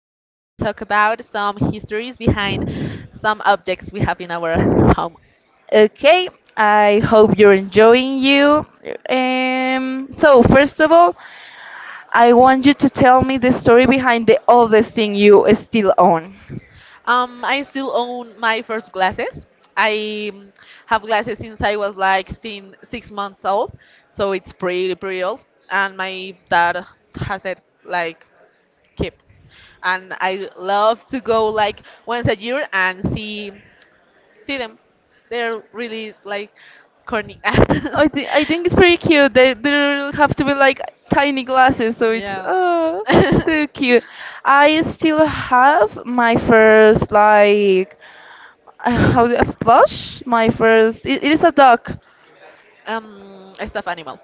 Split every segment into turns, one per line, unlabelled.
we are going to talk about some histories behind some objects we have in our home.
Okay, I hope you're enjoying you. So first of all, I want you to tell me the story behind the oldest thing you still own.
I still own my first glasses. I have glasses since I was like 6 months old, so it's pretty old. And my dad has it like keep. And I love to go like once a year and see them. They're really like corny.
I think it's pretty cute. They have to be like tiny glasses, so it's
Yeah.
oh so cute. I still have my first like how do I plush? My first it is a dog.
A stuffed animal.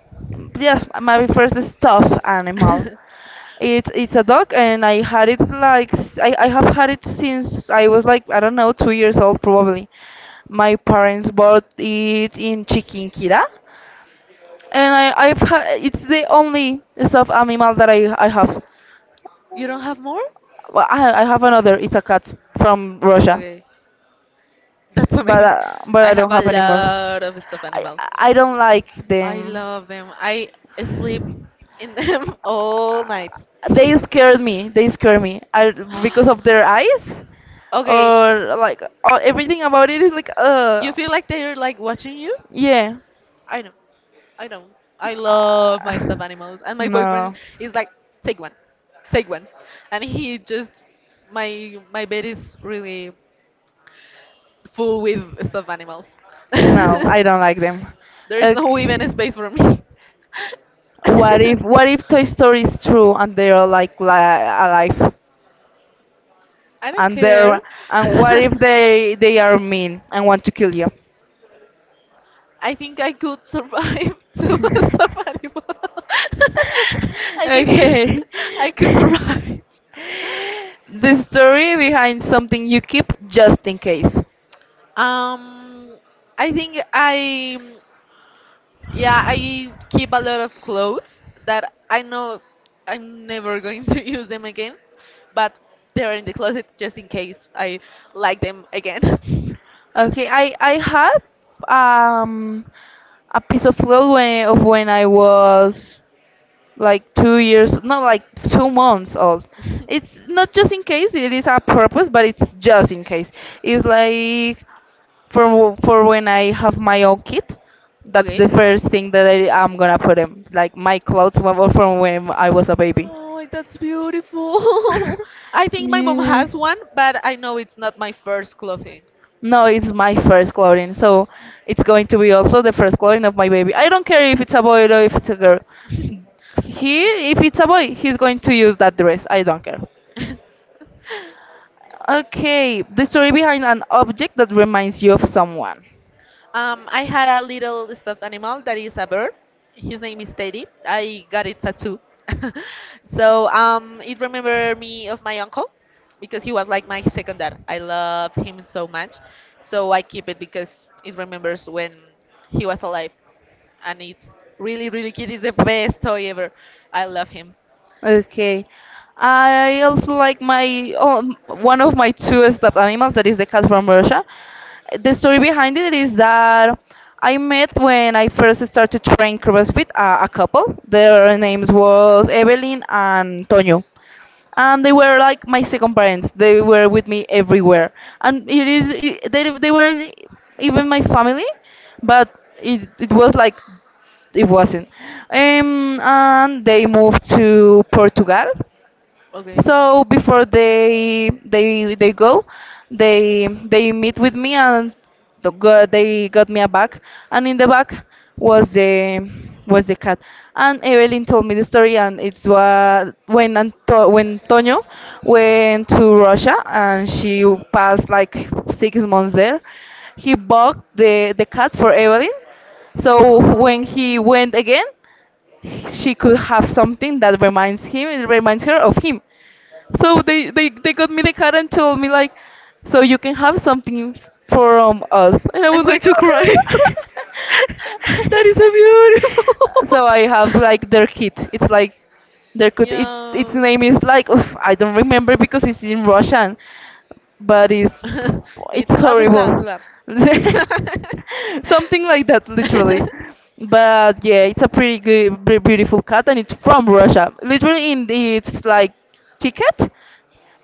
Yeah, my first stuffed animal. It's a dog, and I had it like I have had it since I was like I don't know 2 years old probably. My parents bought it in Chiquinquirá, and it's the only stuffed animal that I have.
You don't have more?
Well, I have another. It's a cat from Russia,
Okay, that's amazing.
but
I
I
have
don't
a
have anymore.
lot of stuffed
I
animals.
I don't like
I
them.
love them. I sleep in them all nights.
They scare me. They scare me. I, because of their eyes
Okay,
or like or everything about it is like
you feel like they're like watching you?
yeah.
I know. I don't. I love my
Ah,
stuffed animals, and my boyfriend
no,
is like, take one, take one, and he just my bed is really full with stuffed animals.
no,
There
I don't like them.
is no even a
Okay.
space for me.
What if Toy Story is true and they are like li alive
I don't
and
care.
they're and what if they are mean and want to kill you?
I think I could survive to a stuffed animal. I think that
Okay.
I could survive.
The story behind something you keep just in case.
Um, I think yeah, I keep a lot of clothes that I know I'm never going to use them again, but they're in the closet just in case I like them again.
Okay, I had um a piece of cloth when, of when I was like 2 years, not like 2 months old. It's not just in case, it is a purpose, but it's just in case. It's like for w- for when I have my own kid, that's the
Okay.
first thing that I'm gonna put him, like my clothes were from when I was a baby.
Oh, that's beautiful. I think my mom
Yeah.
has one, but I know it's not my first clothing.
No, it's my first clothing, so it's going to be also the first clothing of my baby. I don't care if it's a boy or if it's a girl. He, if it's a boy, he's going to use that dress. I don't care. Okay, the story behind an object that reminds you of someone.
I had a little stuffed animal that is a bird. His name is Teddy. I got it tattoo. So it remembered me of my uncle because he was like my second dad. I love him so much. So I keep it because it remembers when he was alive. And it's really cute. It's the best toy ever. I love him.
Okay. I also like my one of my two stuffed animals that is the cat from Russia. The story behind it is that I met when I first started to train CrossFit a couple. Their names was Evelyn and Tonio. And they were like my second parents. They were with me everywhere, and it is they weren't even my family, but it was like it wasn't and they moved to Portugal. So before they go, they meet with me, and they got me a bag, and in the bag was the was the cat. And Evelyn told me the story, and it's what when when Toño went to Russia, and she passed like 6 months there. He bought the cat for Evelyn, so
Oh.
when he went again, she could have something that reminds him, it reminds her of him. So they got me the card and told me like, so you can have something from us. And I
I'm
was
going
like,
to cry. That is so
so
beautiful.
I have like their kit. It's like their kit. It, its
Yeah.
name is like oof, I don't remember because it's in Russian, but it's
It's
horrible.
blah.
Something like that, literally. But yeah, it's a pretty good, beautiful cat, and it's from Russia. Literally, in the, it's like ticket,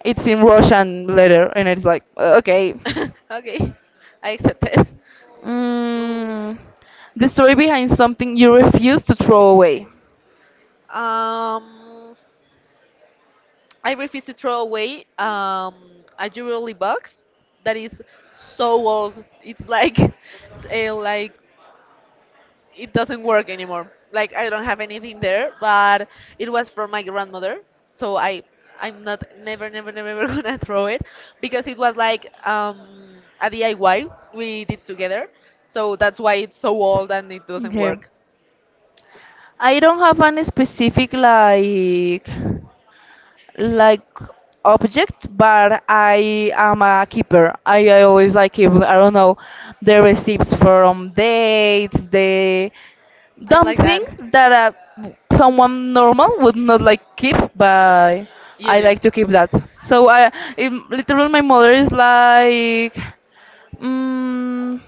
it's in Russian letter, and it's like, okay.
Okay, I accept it. Oh.
Mm, the story behind something you refuse to throw away.
So that's why it's so old and it doesn't
Okay.
work.
I don't have any specific like object, but I am a keeper. I always like keep I don't know the receipts from dates, the
I'm
dumb
like that.
things that someone normal would not like keep, but
You
I
do.
like to keep that. So I, it, literally, my mother is like, mm,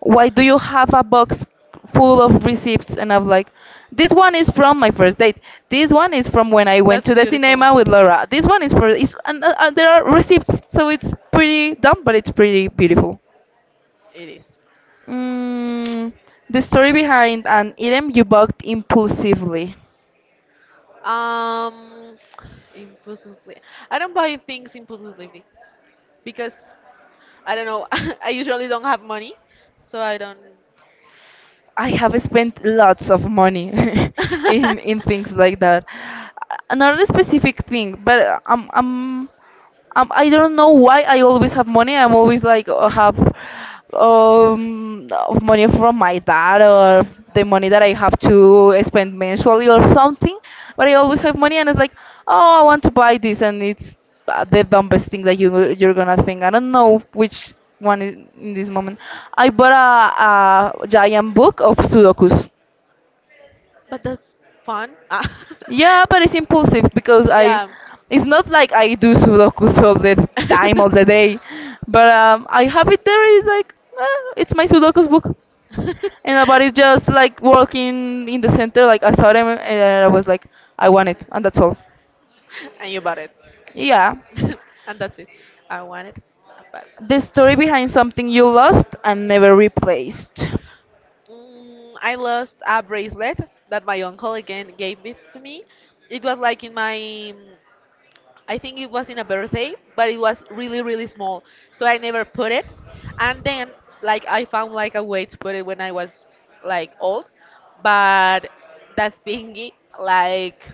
"Why do you have a box full of receipts?" And I'm like, "This one is from my first date. This one is from when I went
That's
to the
beautiful.
cinema with Laura. This one is for, it's and, there are receipts. So it's pretty dumb, but it's pretty beautiful."
It is.
Mm, the story behind an item you bought impulsively.
Um, Impulsively. I don't buy things impulsively. Because I don't know. I usually don't have money, so I don't.
I have spent lots of money in things like that. Not a specific thing, but I don't know why I always have money. I'm always like have of money from my dad or the money that I have to spend mensually or something. But I always have money and it's like, oh, I want to buy this, and it's the dumbest thing that you're gonna think. I don't know which one in this moment. I bought a giant book of Sudokus.
But that's fun. Ah.
Yeah, but it's impulsive because I,
Yeah.
it's not like I do Sudokus all the time, all the day, but I have it there. It's like eh, it's my Sudokus book, and nobody's just like walking in the center. Like I saw them, and I was like, I want it, and that's all.
And you bought it,
Yeah,
and that's it. I want it. I bought it.
the story behind something you lost and never replaced.
Mm, I lost a bracelet that my uncle again gave it to me. It was like in my mm, I think it was in a birthday, but it was really small, so I never put it. And then like I found like a way to put it when I was like old, but that thingy like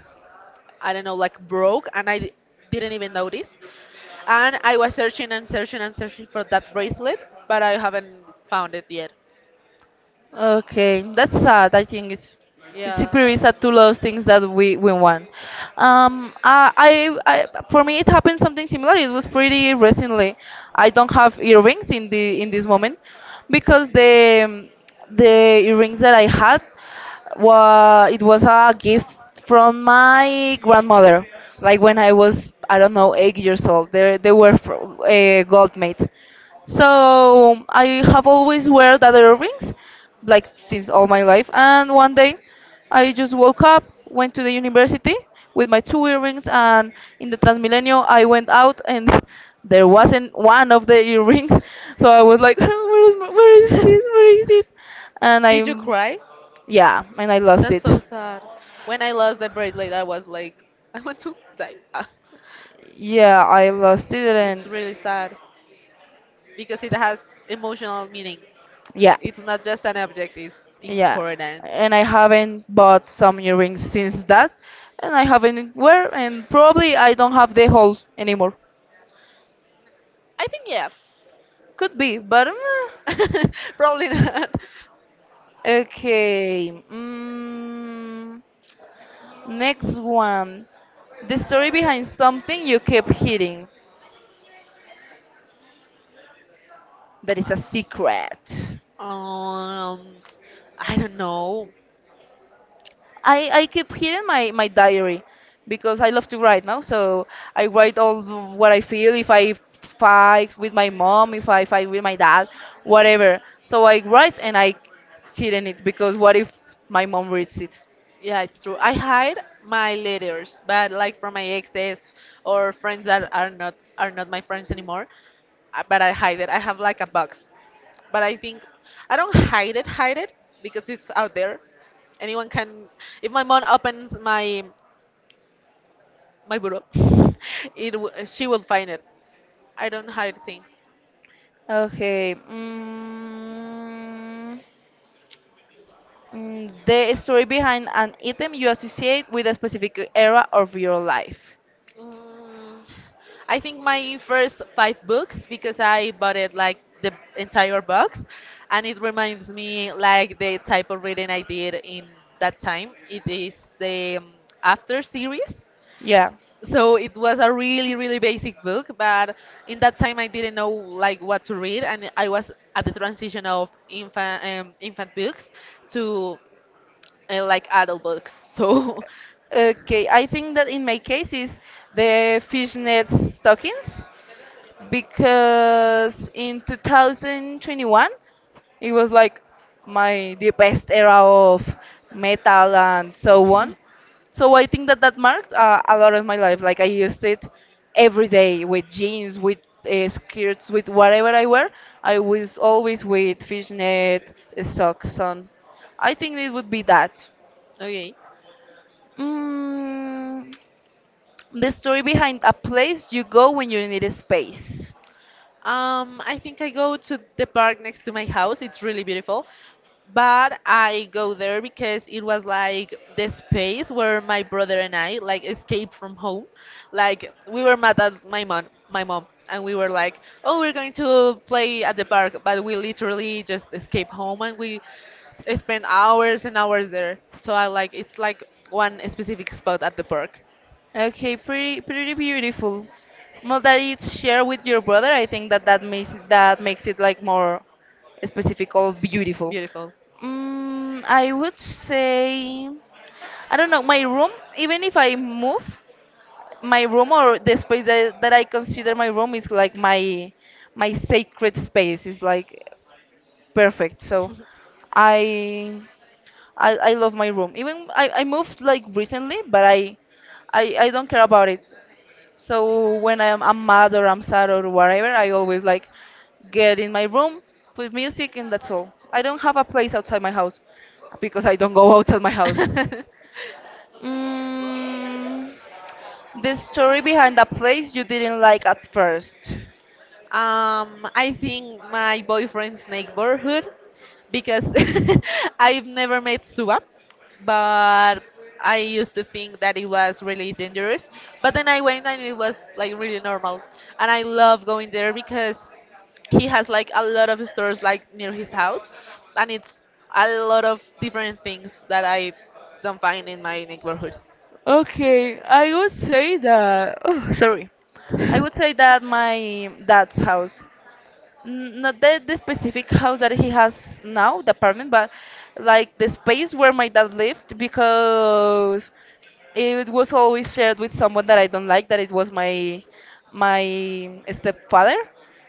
I don't know like broke, and didn't even notice. And I was searching for that bracelet, but I haven't found it yet.
Okay, that's sad. I think it's
Yeah.
pretty sad to lose things that we want. I for me it happened something similar. It was pretty recently. I don't have earrings in the in this moment because the earrings that I had was it was a gift from my grandmother. Like when I was I don't know 8 years old. They were gold made. So I have always wear that earrings, like since all my life. And one day, I just woke up, went to the university with my two earrings, and in the Transmilenio, I went out and there wasn't one of the earrings. So I was like, where is it? Where is it? And I
Did you cry?
yeah, and I lost
That's
it.
so sad. When I lost the bracelet, I was like, I want to die.
Yeah, I lost it,
It's
and
really sad. Because it has emotional meaning. Yeah.
yeah.
It's not just an object, it's
Yeah,
important.
and I haven't bought some earrings since that, and I haven't wear, and probably I don't have the holes anymore.
I think yeah.
Could be, but mm,
Probably not.
okay. Mm, next one, the story behind something you keep hiding that is a secret.
Um, I don't know.
I keep here in my diary because I love to write now. So I write what I feel, if I fight with my mom, if I fight with my dad, whatever. So I write and I hidden it because what if my mom reads it?
Yeah, it's true. I hide my letters, but like from my exes or friends that are not my friends anymore. But I hide it. I have like a box. But I think I don't hide it because it's out there. Anyone can. If my mom opens my bureau. She will find it. I don't hide things.
Okay. The story behind an item you associate with a specific era of your life.
Mm, I think my first five books because I bought it like the entire box, and it reminds me like the type of reading I did in that time. It is the After series.
Yeah.
So it was a really basic book, but in that time I didn't know like what to read, and I was at the transition of infant books to I like adult books, so.
Okay. I think that in my case is the fishnet stockings because in 2021 it was like my the best era of metal and so on. So I think that that marks a lot of my life. Like I used it every day with jeans, with skirts, with whatever I wear. I was always with fishnet socks on. I think it would be that.
Okay.
Mm, the story behind a place you go when you need a space.
I think I go to the park next to my house. It's really beautiful. But I go there because it was like the space where my brother and I like escaped from home. Like we were mad at my mom, and we were like, "Oh, we're going to play at the park," but we literally just escaped home and we spent hours and hours there. So I like it's like one specific spot at the park.
Okay, pretty pretty beautiful. Well, that it's shared with your brother. I think that that makes it like more specific or beautiful.
Beautiful.
Mm, I would say I don't know. My room, even if I move, my room or the space that I consider my room is like my sacred space. It's like perfect. So I I love my room. Even I moved like recently, but I don't care about it. So when I'm mad or I'm sad or whatever, I always like get in my room, put music, and that's all. I don't have a place outside my house because I don't go outside my house. Mm, the story behind that place you didn't like at first.
I think my boyfriend's neighborhood because I've never met Suba, but I used to think that it was really dangerous. But then I went and it was like really normal, and I love going there because he has like a lot of stores like near his house, and it's a lot of different things that I don't find in my neighborhood.
Okay, I would say that. Oh, sorry. I would say that my dad's house not the specific house that he has now, the apartment, but like the space where my dad lived because it was always shared with someone that I don't like, that it was my my stepfather.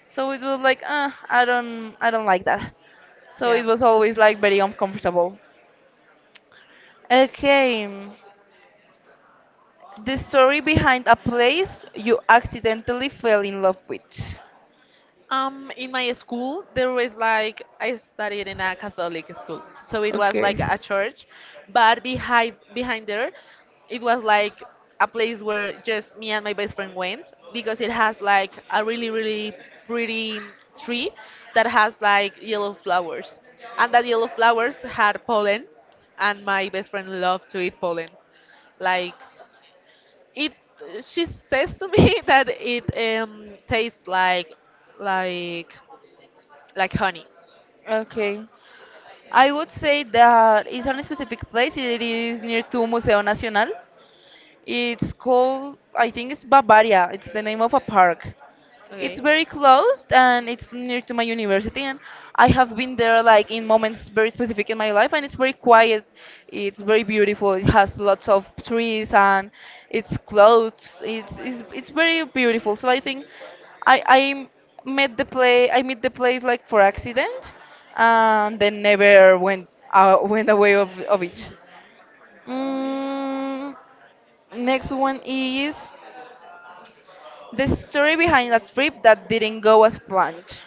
So it was like, I don't like that. So it
Yeah.
was always like very uncomfortable. Okay, the story behind a place you accidentally fell in love with.
In my school, there was like I studied in a Catholic school, so it was like
Okay.
a church, but behind there, it was like a place where just me and my best friend went because it has like a really pretty tree that has like yellow flowers, and that yellow flowers had pollen, and my best friend loved to eat pollen, like it. She says to me that it tastes like like honey.
Okay. I would say that it's on a specific place. It is near to Museo Nacional. It's called, I think it's Bavaria. It's the name of a park. It's
Okay.
very close, and it's near to my university, and I have been there like in moments very specific in my life, and it's very quiet. It's very beautiful. It has lots of trees, and it's close. It's very beautiful. So I think I met the play I met the place like for accident and then never went went away of it. Mm, next one is the story behind a trip that didn't go as planned.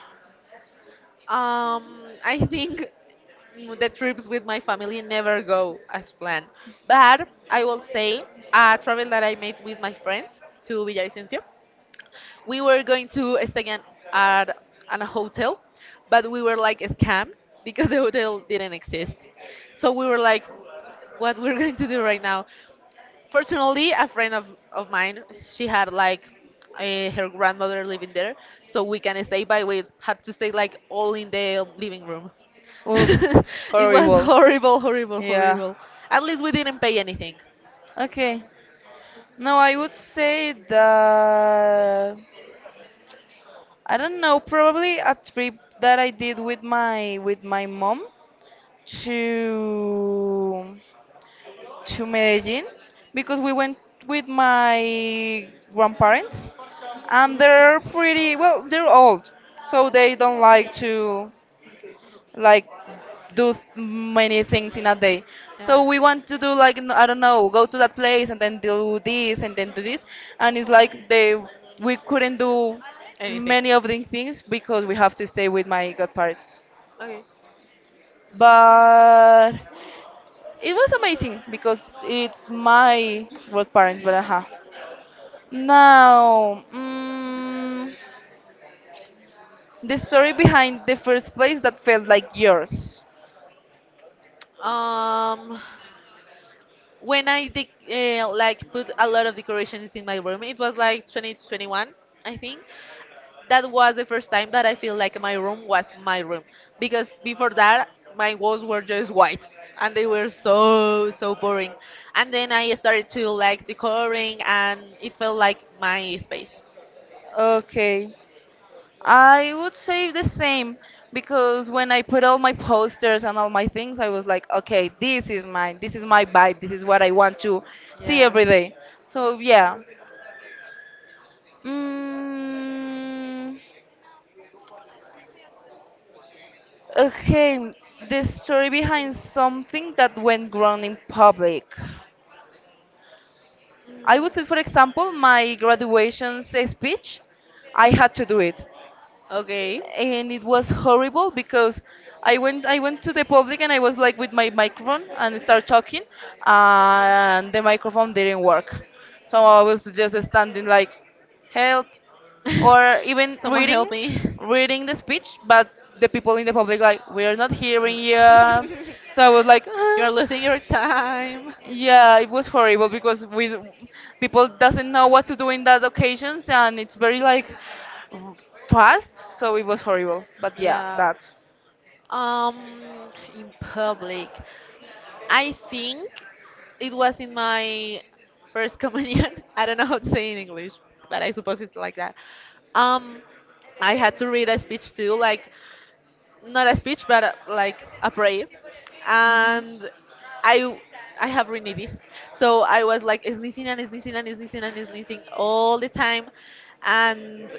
Um, I think the trips with my family never go as planned, but I will say a travel that I made with my friends to Villavicencio. We were going to stay at, at a hotel, but we were like scammed because the hotel didn't exist. So we were like, what we're going to do right now? Fortunately, a friend of mine, she had like her grandmother living there, so we can stay, but we had to stay like all in the living room.
Oof,
It was
horrible.
horrible, horrible,
Yeah.
horrible. At least we didn't pay anything.
Okay. Now I would say that I don't know, probably a trip that I did with my mom to to Medellin because we went with my grandparents and they're pretty well, they're old, so they don't like to like do many things in a day. So we want to do like I don't know, go to that place and then do this and then do this, and it's like they we couldn't do
Anything.
many of these things because we have to stay with my godparents.
Okay.
But it was amazing because it's my godparents. But aha, now the story behind the first place that felt like yours.
Um, when I dec like put a lot of decorations in my room, it was like 2021, I think. That was the first time that I feel like my room was my room because before that my walls were just white and they were so so boring. And then I started to like decoring and it felt like my space.
Okay. I would say the same because when I put all my posters and all my things, I was like, okay, this is mine. This is my vibe. This is what I want to see every day. So yeah. Mm, okay, the story behind something that went wrong in public. I would say, for example, my graduation speech. I had to do it
Okay.
and it was horrible because I went to the public and I was like with my microphone and start talking and the microphone didn't work. So I was just standing like help or even
Help
reading
me.
reading the speech, but the people in the public like we're not hearing you. So I was like.
You're losing your time.
Yeah, it was horrible because we people doesn't know what to do in that occasions and it's very like r- fast, so it was horrible. But yeah,
Yeah.
that.
Um, in public, I think it was in my first communion. I don't know how to say in English, but I suppose it's like that. Um, I had to read a speech too, like not a speech, but like a prayer, and I I have rhinitis, so I was like sneezing all the time, and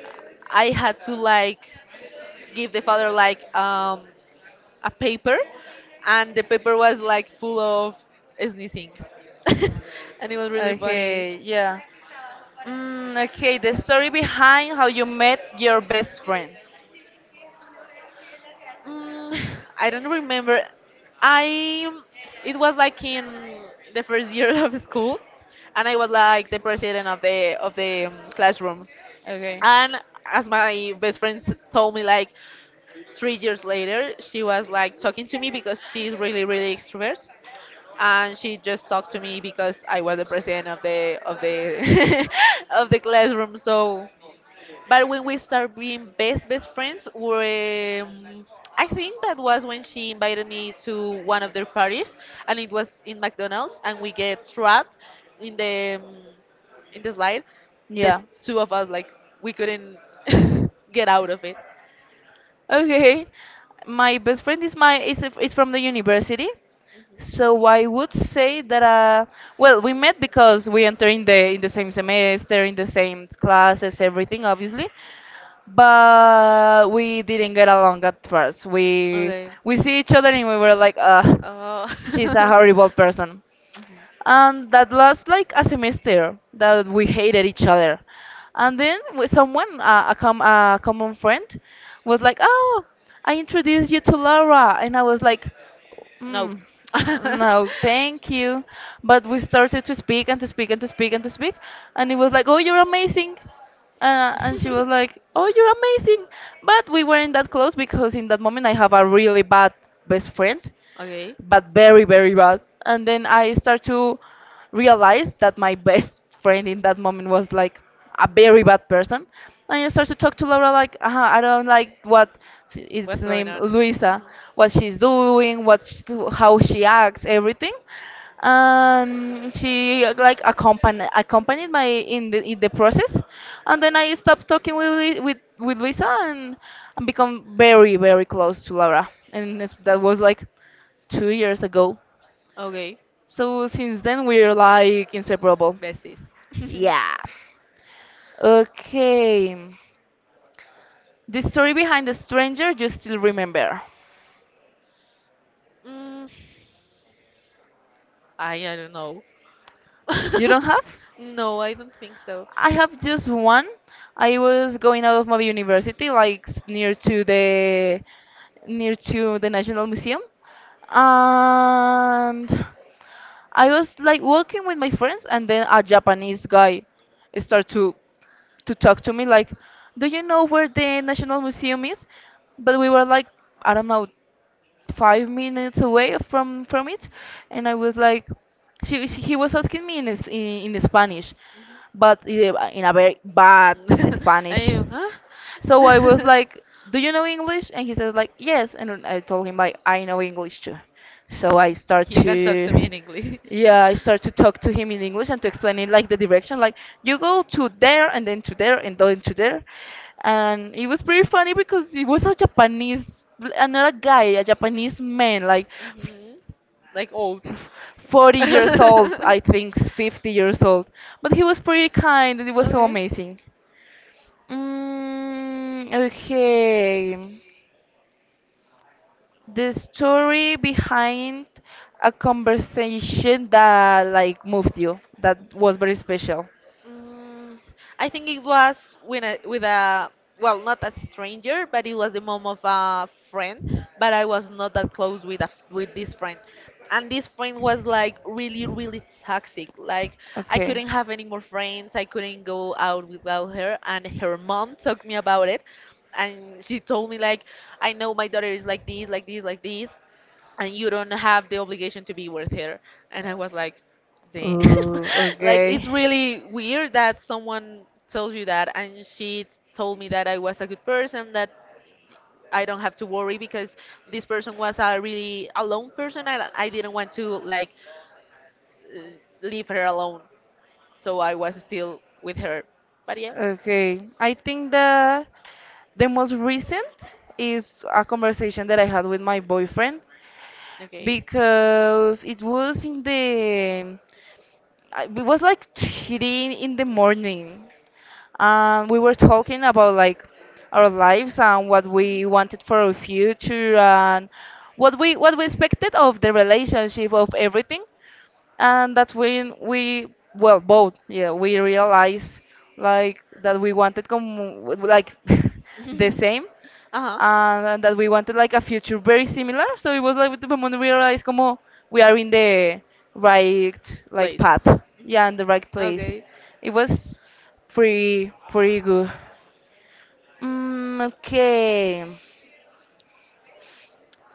I had to like give the father like a paper, and the paper was like full of sneezing, and it was really funny.
Okay, yeah. Okay, the story behind how you met your best friend.
Mm, I don't remember. I it was like in the first year of school, and I was like the president of the classroom.
Okay.
And as my best friend told me, like 3 years later, she was like talking to me because she's really extrovert, and she just talked to me because I was the president of the of the classroom. So, but when we start being best friends, were I think that was when she invited me to one of their parties, and it was in McDonald's, and we get trapped in the um, in the slide. The
Yeah.
two of us like we couldn't get out of it.
Okay, my best friend is is from the university,
Mhm.
so I would say that well we met because we enter in the same semester in the same classes everything obviously, but we didn't get along at first.
Okay.
We see each other and we were like
Uh,
she's a horrible person and that lasts like a semester that we hated each other and then with someone a common friend was like oh I introduced you to Laura and I was like.
no.
Mm, no, thank you. But we started to speak and to speak and to speak and to speak, and it was like, oh, you're amazing. And she was like, oh, you're amazing. But we weren't that close because in that moment I have a really bad best friend,
Okay.
but very, very bad. And then I start to realize that my best friend in that moment was like a very bad person. And I start to talk to Laura like, I don't like what its
What's going
name,
on?
Luisa,
Mhm.
what she's doing, what sh how she acts, everything. She like accompanied my in the process, and then I stopped talking with with Luisa, and become very very close to Laura, and that was like 2 years ago.
Okay.
So since then we're like inseparable.
Besties.
Okay. The story behind the stranger you still remember.
Mm, I don't know.
You don't have?
No, I don't think so.
I have just one. I was going out of my university, like near to the National Museum, and I was like walking with my friends, and then a Japanese guy started to talk to me like, "Do you know where the National Museum is?" But we were like, I don't know, 5 minutes away from it, and I was like, she he was asking me in in Spanish,
Mhm.
but in a very bad Spanish.
I, huh?
So I was like, "Do you know English?" And he said like, "Yes." And I told him like, "I know English too." So I start
To me
to
in English.
yeah, I start to talk to him in English and to explain it like the direction, like you go to there and then to there and then to there. And it was pretty funny because he was a Japanese, another guy, a Japanese man, like
Hmm. Like old.
f- 40 years old, I think 50 years old. But he was pretty kind and it was so amazing. Mm, okay. The story behind a conversation that like moved you, that was very special.
Mm, I think it was when I, with a well, not a stranger, but it was the mom of a friend. But I was not that close with a, with this friend, and this friend was like really toxic. Like I
Okay.
couldn't have any more friends. I couldn't go out without her, and her mom talked me about it, and she told me like, I know my daughter is like this, like this, like this, and you don't have the obligation to be with her. And I was like, damn.
Ooh,
Like,
okay.
it's really weird that someone tells you that. And she told me that I was a good person, that I don't have to worry because this person was a really alone person and I didn't want to, like, uh, leave her alone. So I was still with her. But yeah.
Okay, I think the most recent is a conversation that I had with my boyfriend
Okay.
because it was in it was like three in the morning. We were talking about like our lives and what we wanted for our future and what we expected of the relationship of everything. And that's when we well both yeah we realized like that we wanted like the same
Uh huh.
and that we wanted like a future very similar. So it was like the moment we realized como we are in the right like
Place.
path, yeah, in the right place.
Okay.
It was pretty pretty good. Mm, okay,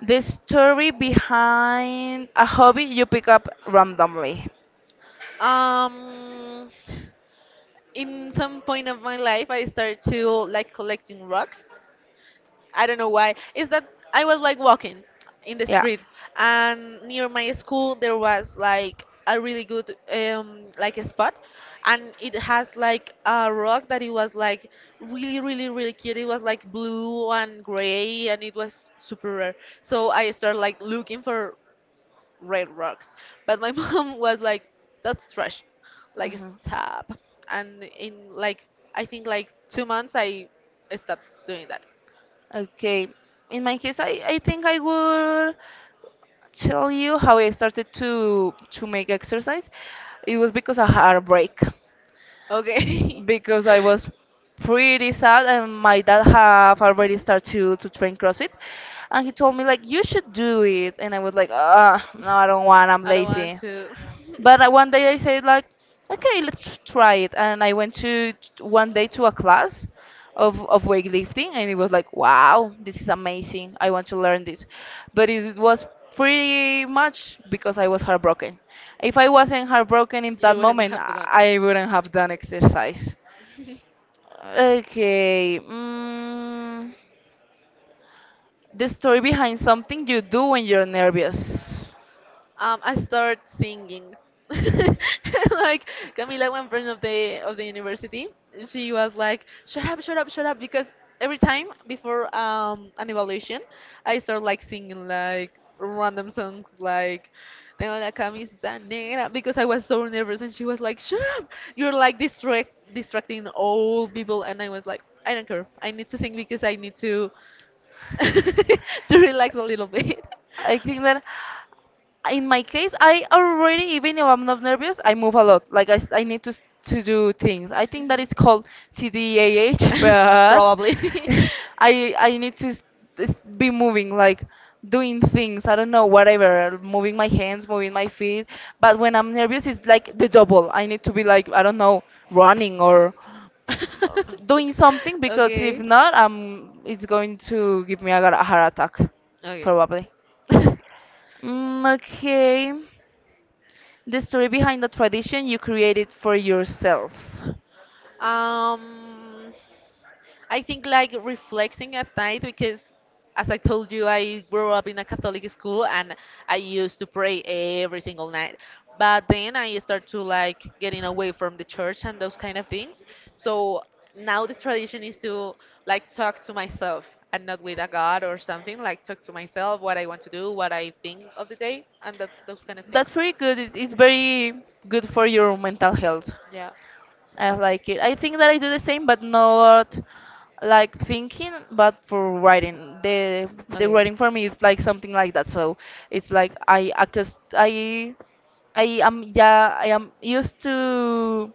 the story behind a hobby you pick up randomly.
Um, in some point of my life, I started to like collecting rocks. I don't know why. Is that I was like walking in the
Yeah.
street, and near my school there was like a really good like a spot, and it has like a rock that it was like really cute. It was like blue and gray, and it was super rare. So I started like looking for red rocks. But my mom was like, that's trash. Like,
Hmm.
stop. And I think like 2 months, I stopped doing that.
Okay. In my case, I think I would tell you how I started to make exercise, it was because of heartbreak.
Okay.
Because I was pretty sad, and my dad have already started to train CrossFit, and he told me like you should do it, and I was like, ah, no, I don't want. I'm
I don't want
lazy.
to.
But one day I said like, okay, let's try it, and I went to one day to a class of weightlifting, and it was like, wow, this is amazing. I want to learn this, but it was pretty much because I was heartbroken. If I wasn't heartbroken in that
You wouldn't
moment,
have gone.
I wouldn't have done exercise. Okay, the story behind something you do when you're nervous.
I start singing. Like Camila, one friend of the university, she was like, "Shut up, shut up, shut up!" Because every time before an evaluation, I start like singing like random songs like "Tengo la camisa negra" because I was so nervous, and she was like, "Shut up! You're like distracting all people," and I was like, "I don't care. I need to sing because I need to to relax a little bit."
I think that in my case, I already, even if I'm not nervous, I move a lot. Like I need to to do things. I think that is called
Called.
TDAH, but
Probably.
I I need to be moving, like doing things. I don't know, whatever, moving my hands, moving my feet. But when I'm nervous, it's like the double. I need to be like I don't know, running or doing something because if not, it's going to give me a, a heart attack, probably. Okay, the story behind the tradition you created for yourself.
um, I think like reflecting at night because as I told you I grew up in a Catholic school and I used to pray every single night. But then I start to like getting away from the church and those kind of things. So now the tradition is to like talk to myself and not with a god or something, like talk to myself what I want to do, what I think of the day and that, those kind of things.
That's pretty good. It's very good for your mental health.
Yeah.
I like it. I think that I do the same, but not like thinking, but for writing. The
Okay.
writing for me is like something like that. So it's like I am yeah I am used to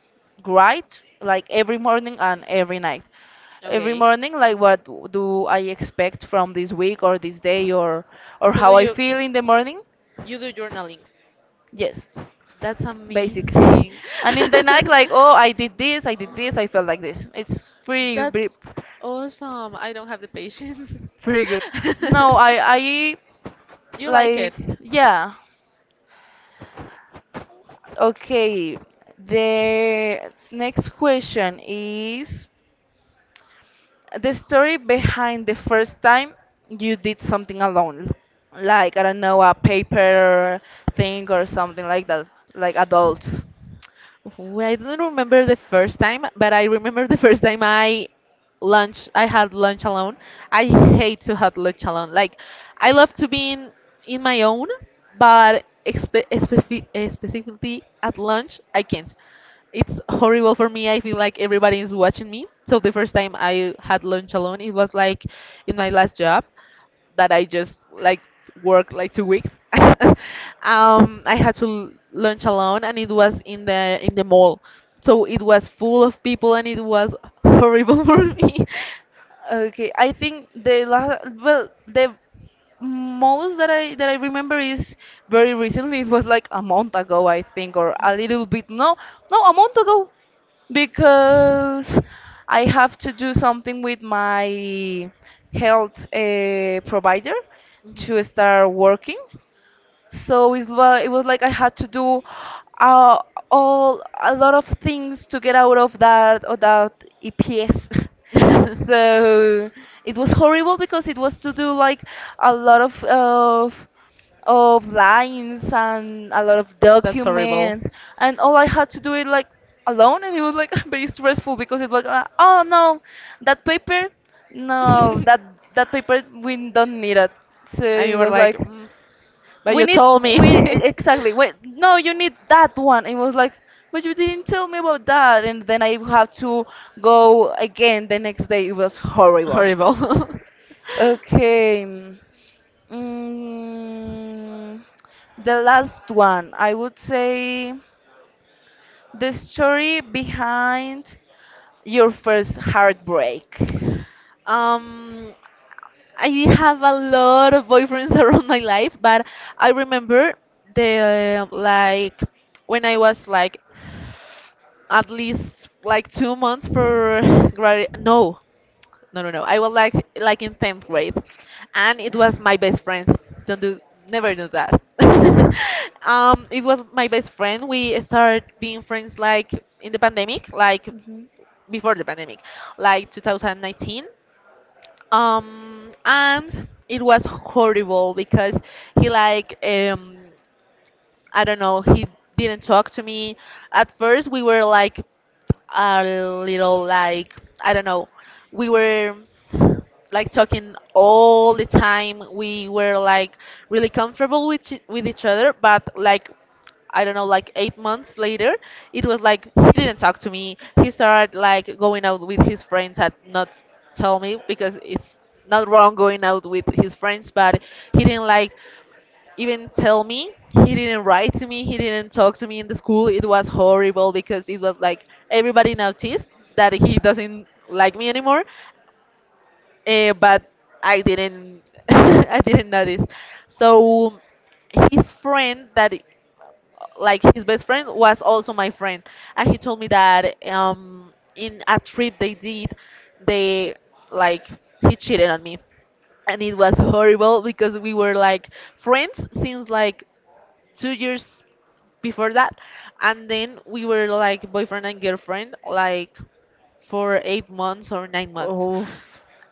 write like every morning and every night. Every
Okay.
morning, like what do I expect from this week or this day or
So
how I feel in the morning?
you do journaling?
Yes,
That's
basically.
amazing.
And in the night, like oh I did this, I did this,
Mhm.
I felt like this. It's pretty
That's
pretty,
awesome. I don't have the patience.
pretty good. No, I
You like it?
like yeah. Okay. The next question is the story behind the first time you did something alone, like I don't know, a paper thing or something like that, like adults.
Well, I don't remember the first time, but I remember the first time I had lunch alone. I hate to have lunch alone. Like I love to be in my own, but specifically at lunch, I can't. It's horrible for me. I feel like everybody is watching me. So the first time I had lunch alone, it was like in my last job that I just like worked like 2 weeks. I had to lunch alone, and it was in the mall, so it was full of people, and it was horrible for me.
Okay, I think the last, well, the most that I remember is very recently. It was like a month ago, I think, or a little bit. No, no, a month ago, because I have to do something with my health provider
Mhm.
to start working. So it was like I had to do uh, all a lot of things to get out of that EPS. so it was horrible because it was to do like a lot of lines and a lot of
That's horrible.
documents, and all I had to do it like alone, and it was like very stressful because it's like oh no, that paper, no that paper we don't need it. So
And you
it
were
was
like,
like
mm, but
we
you
need
told me.
we exactly wait no you need that one it was like but you didn't tell me about that and then I have to go again the next day it was horrible.
Horrible.
Okay, mm, the last one I would say the story behind your first heartbreak.
Um, I have a lot of boyfriends around my life, but I remember the like when I was like at least like 2 months for grad no No, no, no. I was like in tenth grade, and it was my best friend. Don't do, Never do that. It was my best friend. We started being friends like in the pandemic, like
Mhm.
before the pandemic, like 2019. And it was horrible because he like I don't know, he didn't talk to me. At first, we were like a little like, I don't know, we were like talking all the time. We were like really comfortable with each other, but like I don't know, like 8 months later, it was like he didn't talk to me. He started like going out with his friends and not tell me because it's not wrong going out with his friends, but he didn't like even tell me. He didn't write to me. He didn't talk to me in the school. It was horrible because it was like everybody noticed that he doesn't like me anymore. But I didn't. I didn't notice. So his friend that like his best friend was also my friend and he told me that in a trip they did they like he cheated on me, and it was horrible because we were like friends since like 2 years before that, and then we were like boyfriend and girlfriend like for 8 months or 9 months.
Oof.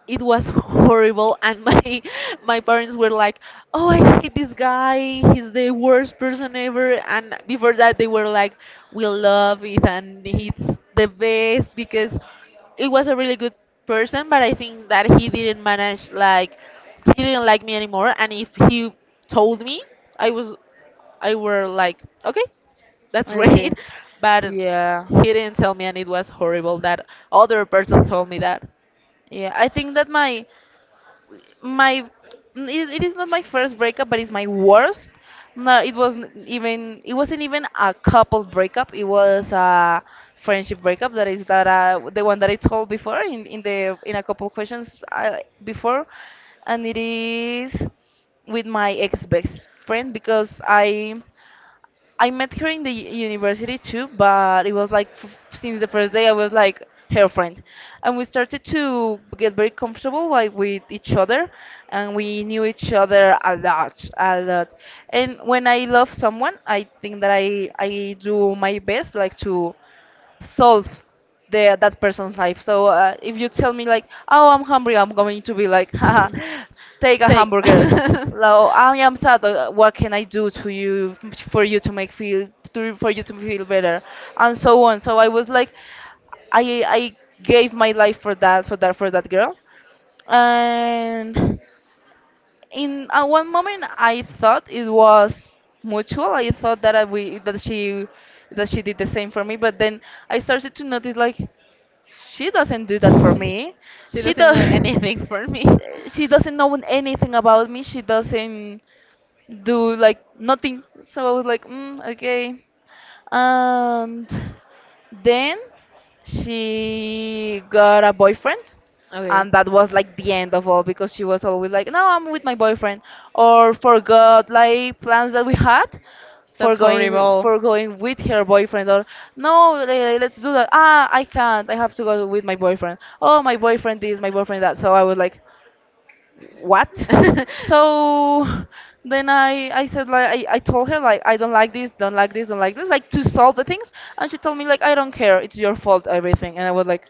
It was horrible, and my parents were like, oh, I hate this guy, he's the worst person ever, and before that they were like, we love it, and it's the best because it was a really good person. But I think that he didn't manage, like he didn't like me anymore, and if he told me, i was I were like, okay, that's great.
Okay,
But
yeah.
he didn't tell me, and it was horrible that other person told me that.
Yeah, I think that my it, it is not my first breakup but it's my worst. No it wasn't even, it wasn't even a couple breakup, it was a friendship breakup, that is that the one that I told before in the in a couple questions before. And it is with my ex best friend because I met her in the university too, but it was like since the first day I was like her friend, and we started to get very comfortable like with each other, and we knew each other a lot, a lot. And when I love someone, I think that I do my best like to solve the that person's life. So if you tell me like, oh, I'm hungry, I'm going to be like, haha, take a hamburger. Now I am sad. Uh, what can I do to you for you to make feel to, for you to feel better, and so on. So I was like, I gave my life for that for that girl, and in at one moment I thought it was mutual. I thought that I, we that she did the same for me, but then I started to notice like she doesn't do that for me.
She
She
doesn't do
does
for me. She doesn't do anything for me.
she doesn't know anything about me. She doesn't do like nothing. So I was like, mm, okay, and then she got a boyfriend and that was like the end of all because she was always like no I'm with my boyfriend or forgot like plans that we had
That's.
for going with her boyfriend or no let's do that ah I can't I have to go with my boyfriend oh my boyfriend this my boyfriend that so I was like what. So then I said like I told her like I don't like this like to solve the things and she told me like I don't care it's your fault everything and I was like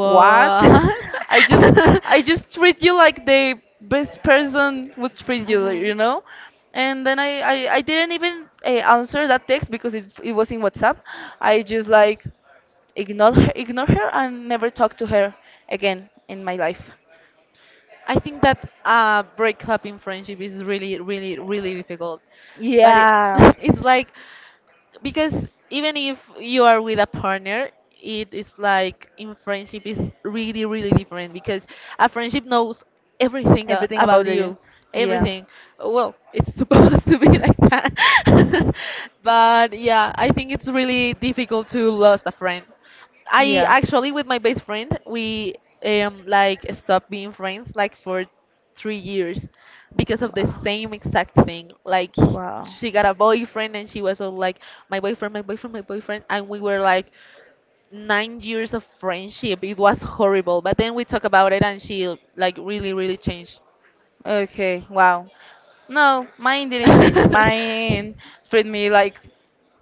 what. I just treat you like the best person would treat you you know. And then I didn't even answer that text because it was in WhatsApp. I just like ignore her and never talk to her again in my life,
I think that breakup in friendship is really, really, really difficult. But it,
yeah.
it's like, because even if you are with a partner, it is like in friendship is really, really different because a friendship knows everything
Everything about
about
the
you,
yeah,
everything. Well, it's supposed to be like that. But yeah, I think it's really difficult to lose a friend. I
yeah.
actually with my best friend we like stopped being friends like for 3 years because of the
Wow,
same exact thing. Like
wow.
she got a boyfriend and she was all like, my boyfriend, my boyfriend, my boyfriend, and we were like 9 years of friendship. It was horrible. But then we talked about it and she like really really changed.
Okay, wow. No, mine didn't change. Mine treated me like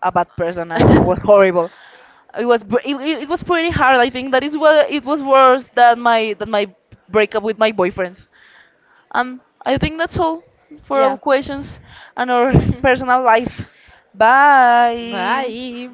a bad person and was horrible. It was it was pretty hard. I think that is what it was worse than my breakup with my boyfriends. And I think that's all for
Yeah.
all questions and our personal life. Bye.
Bye.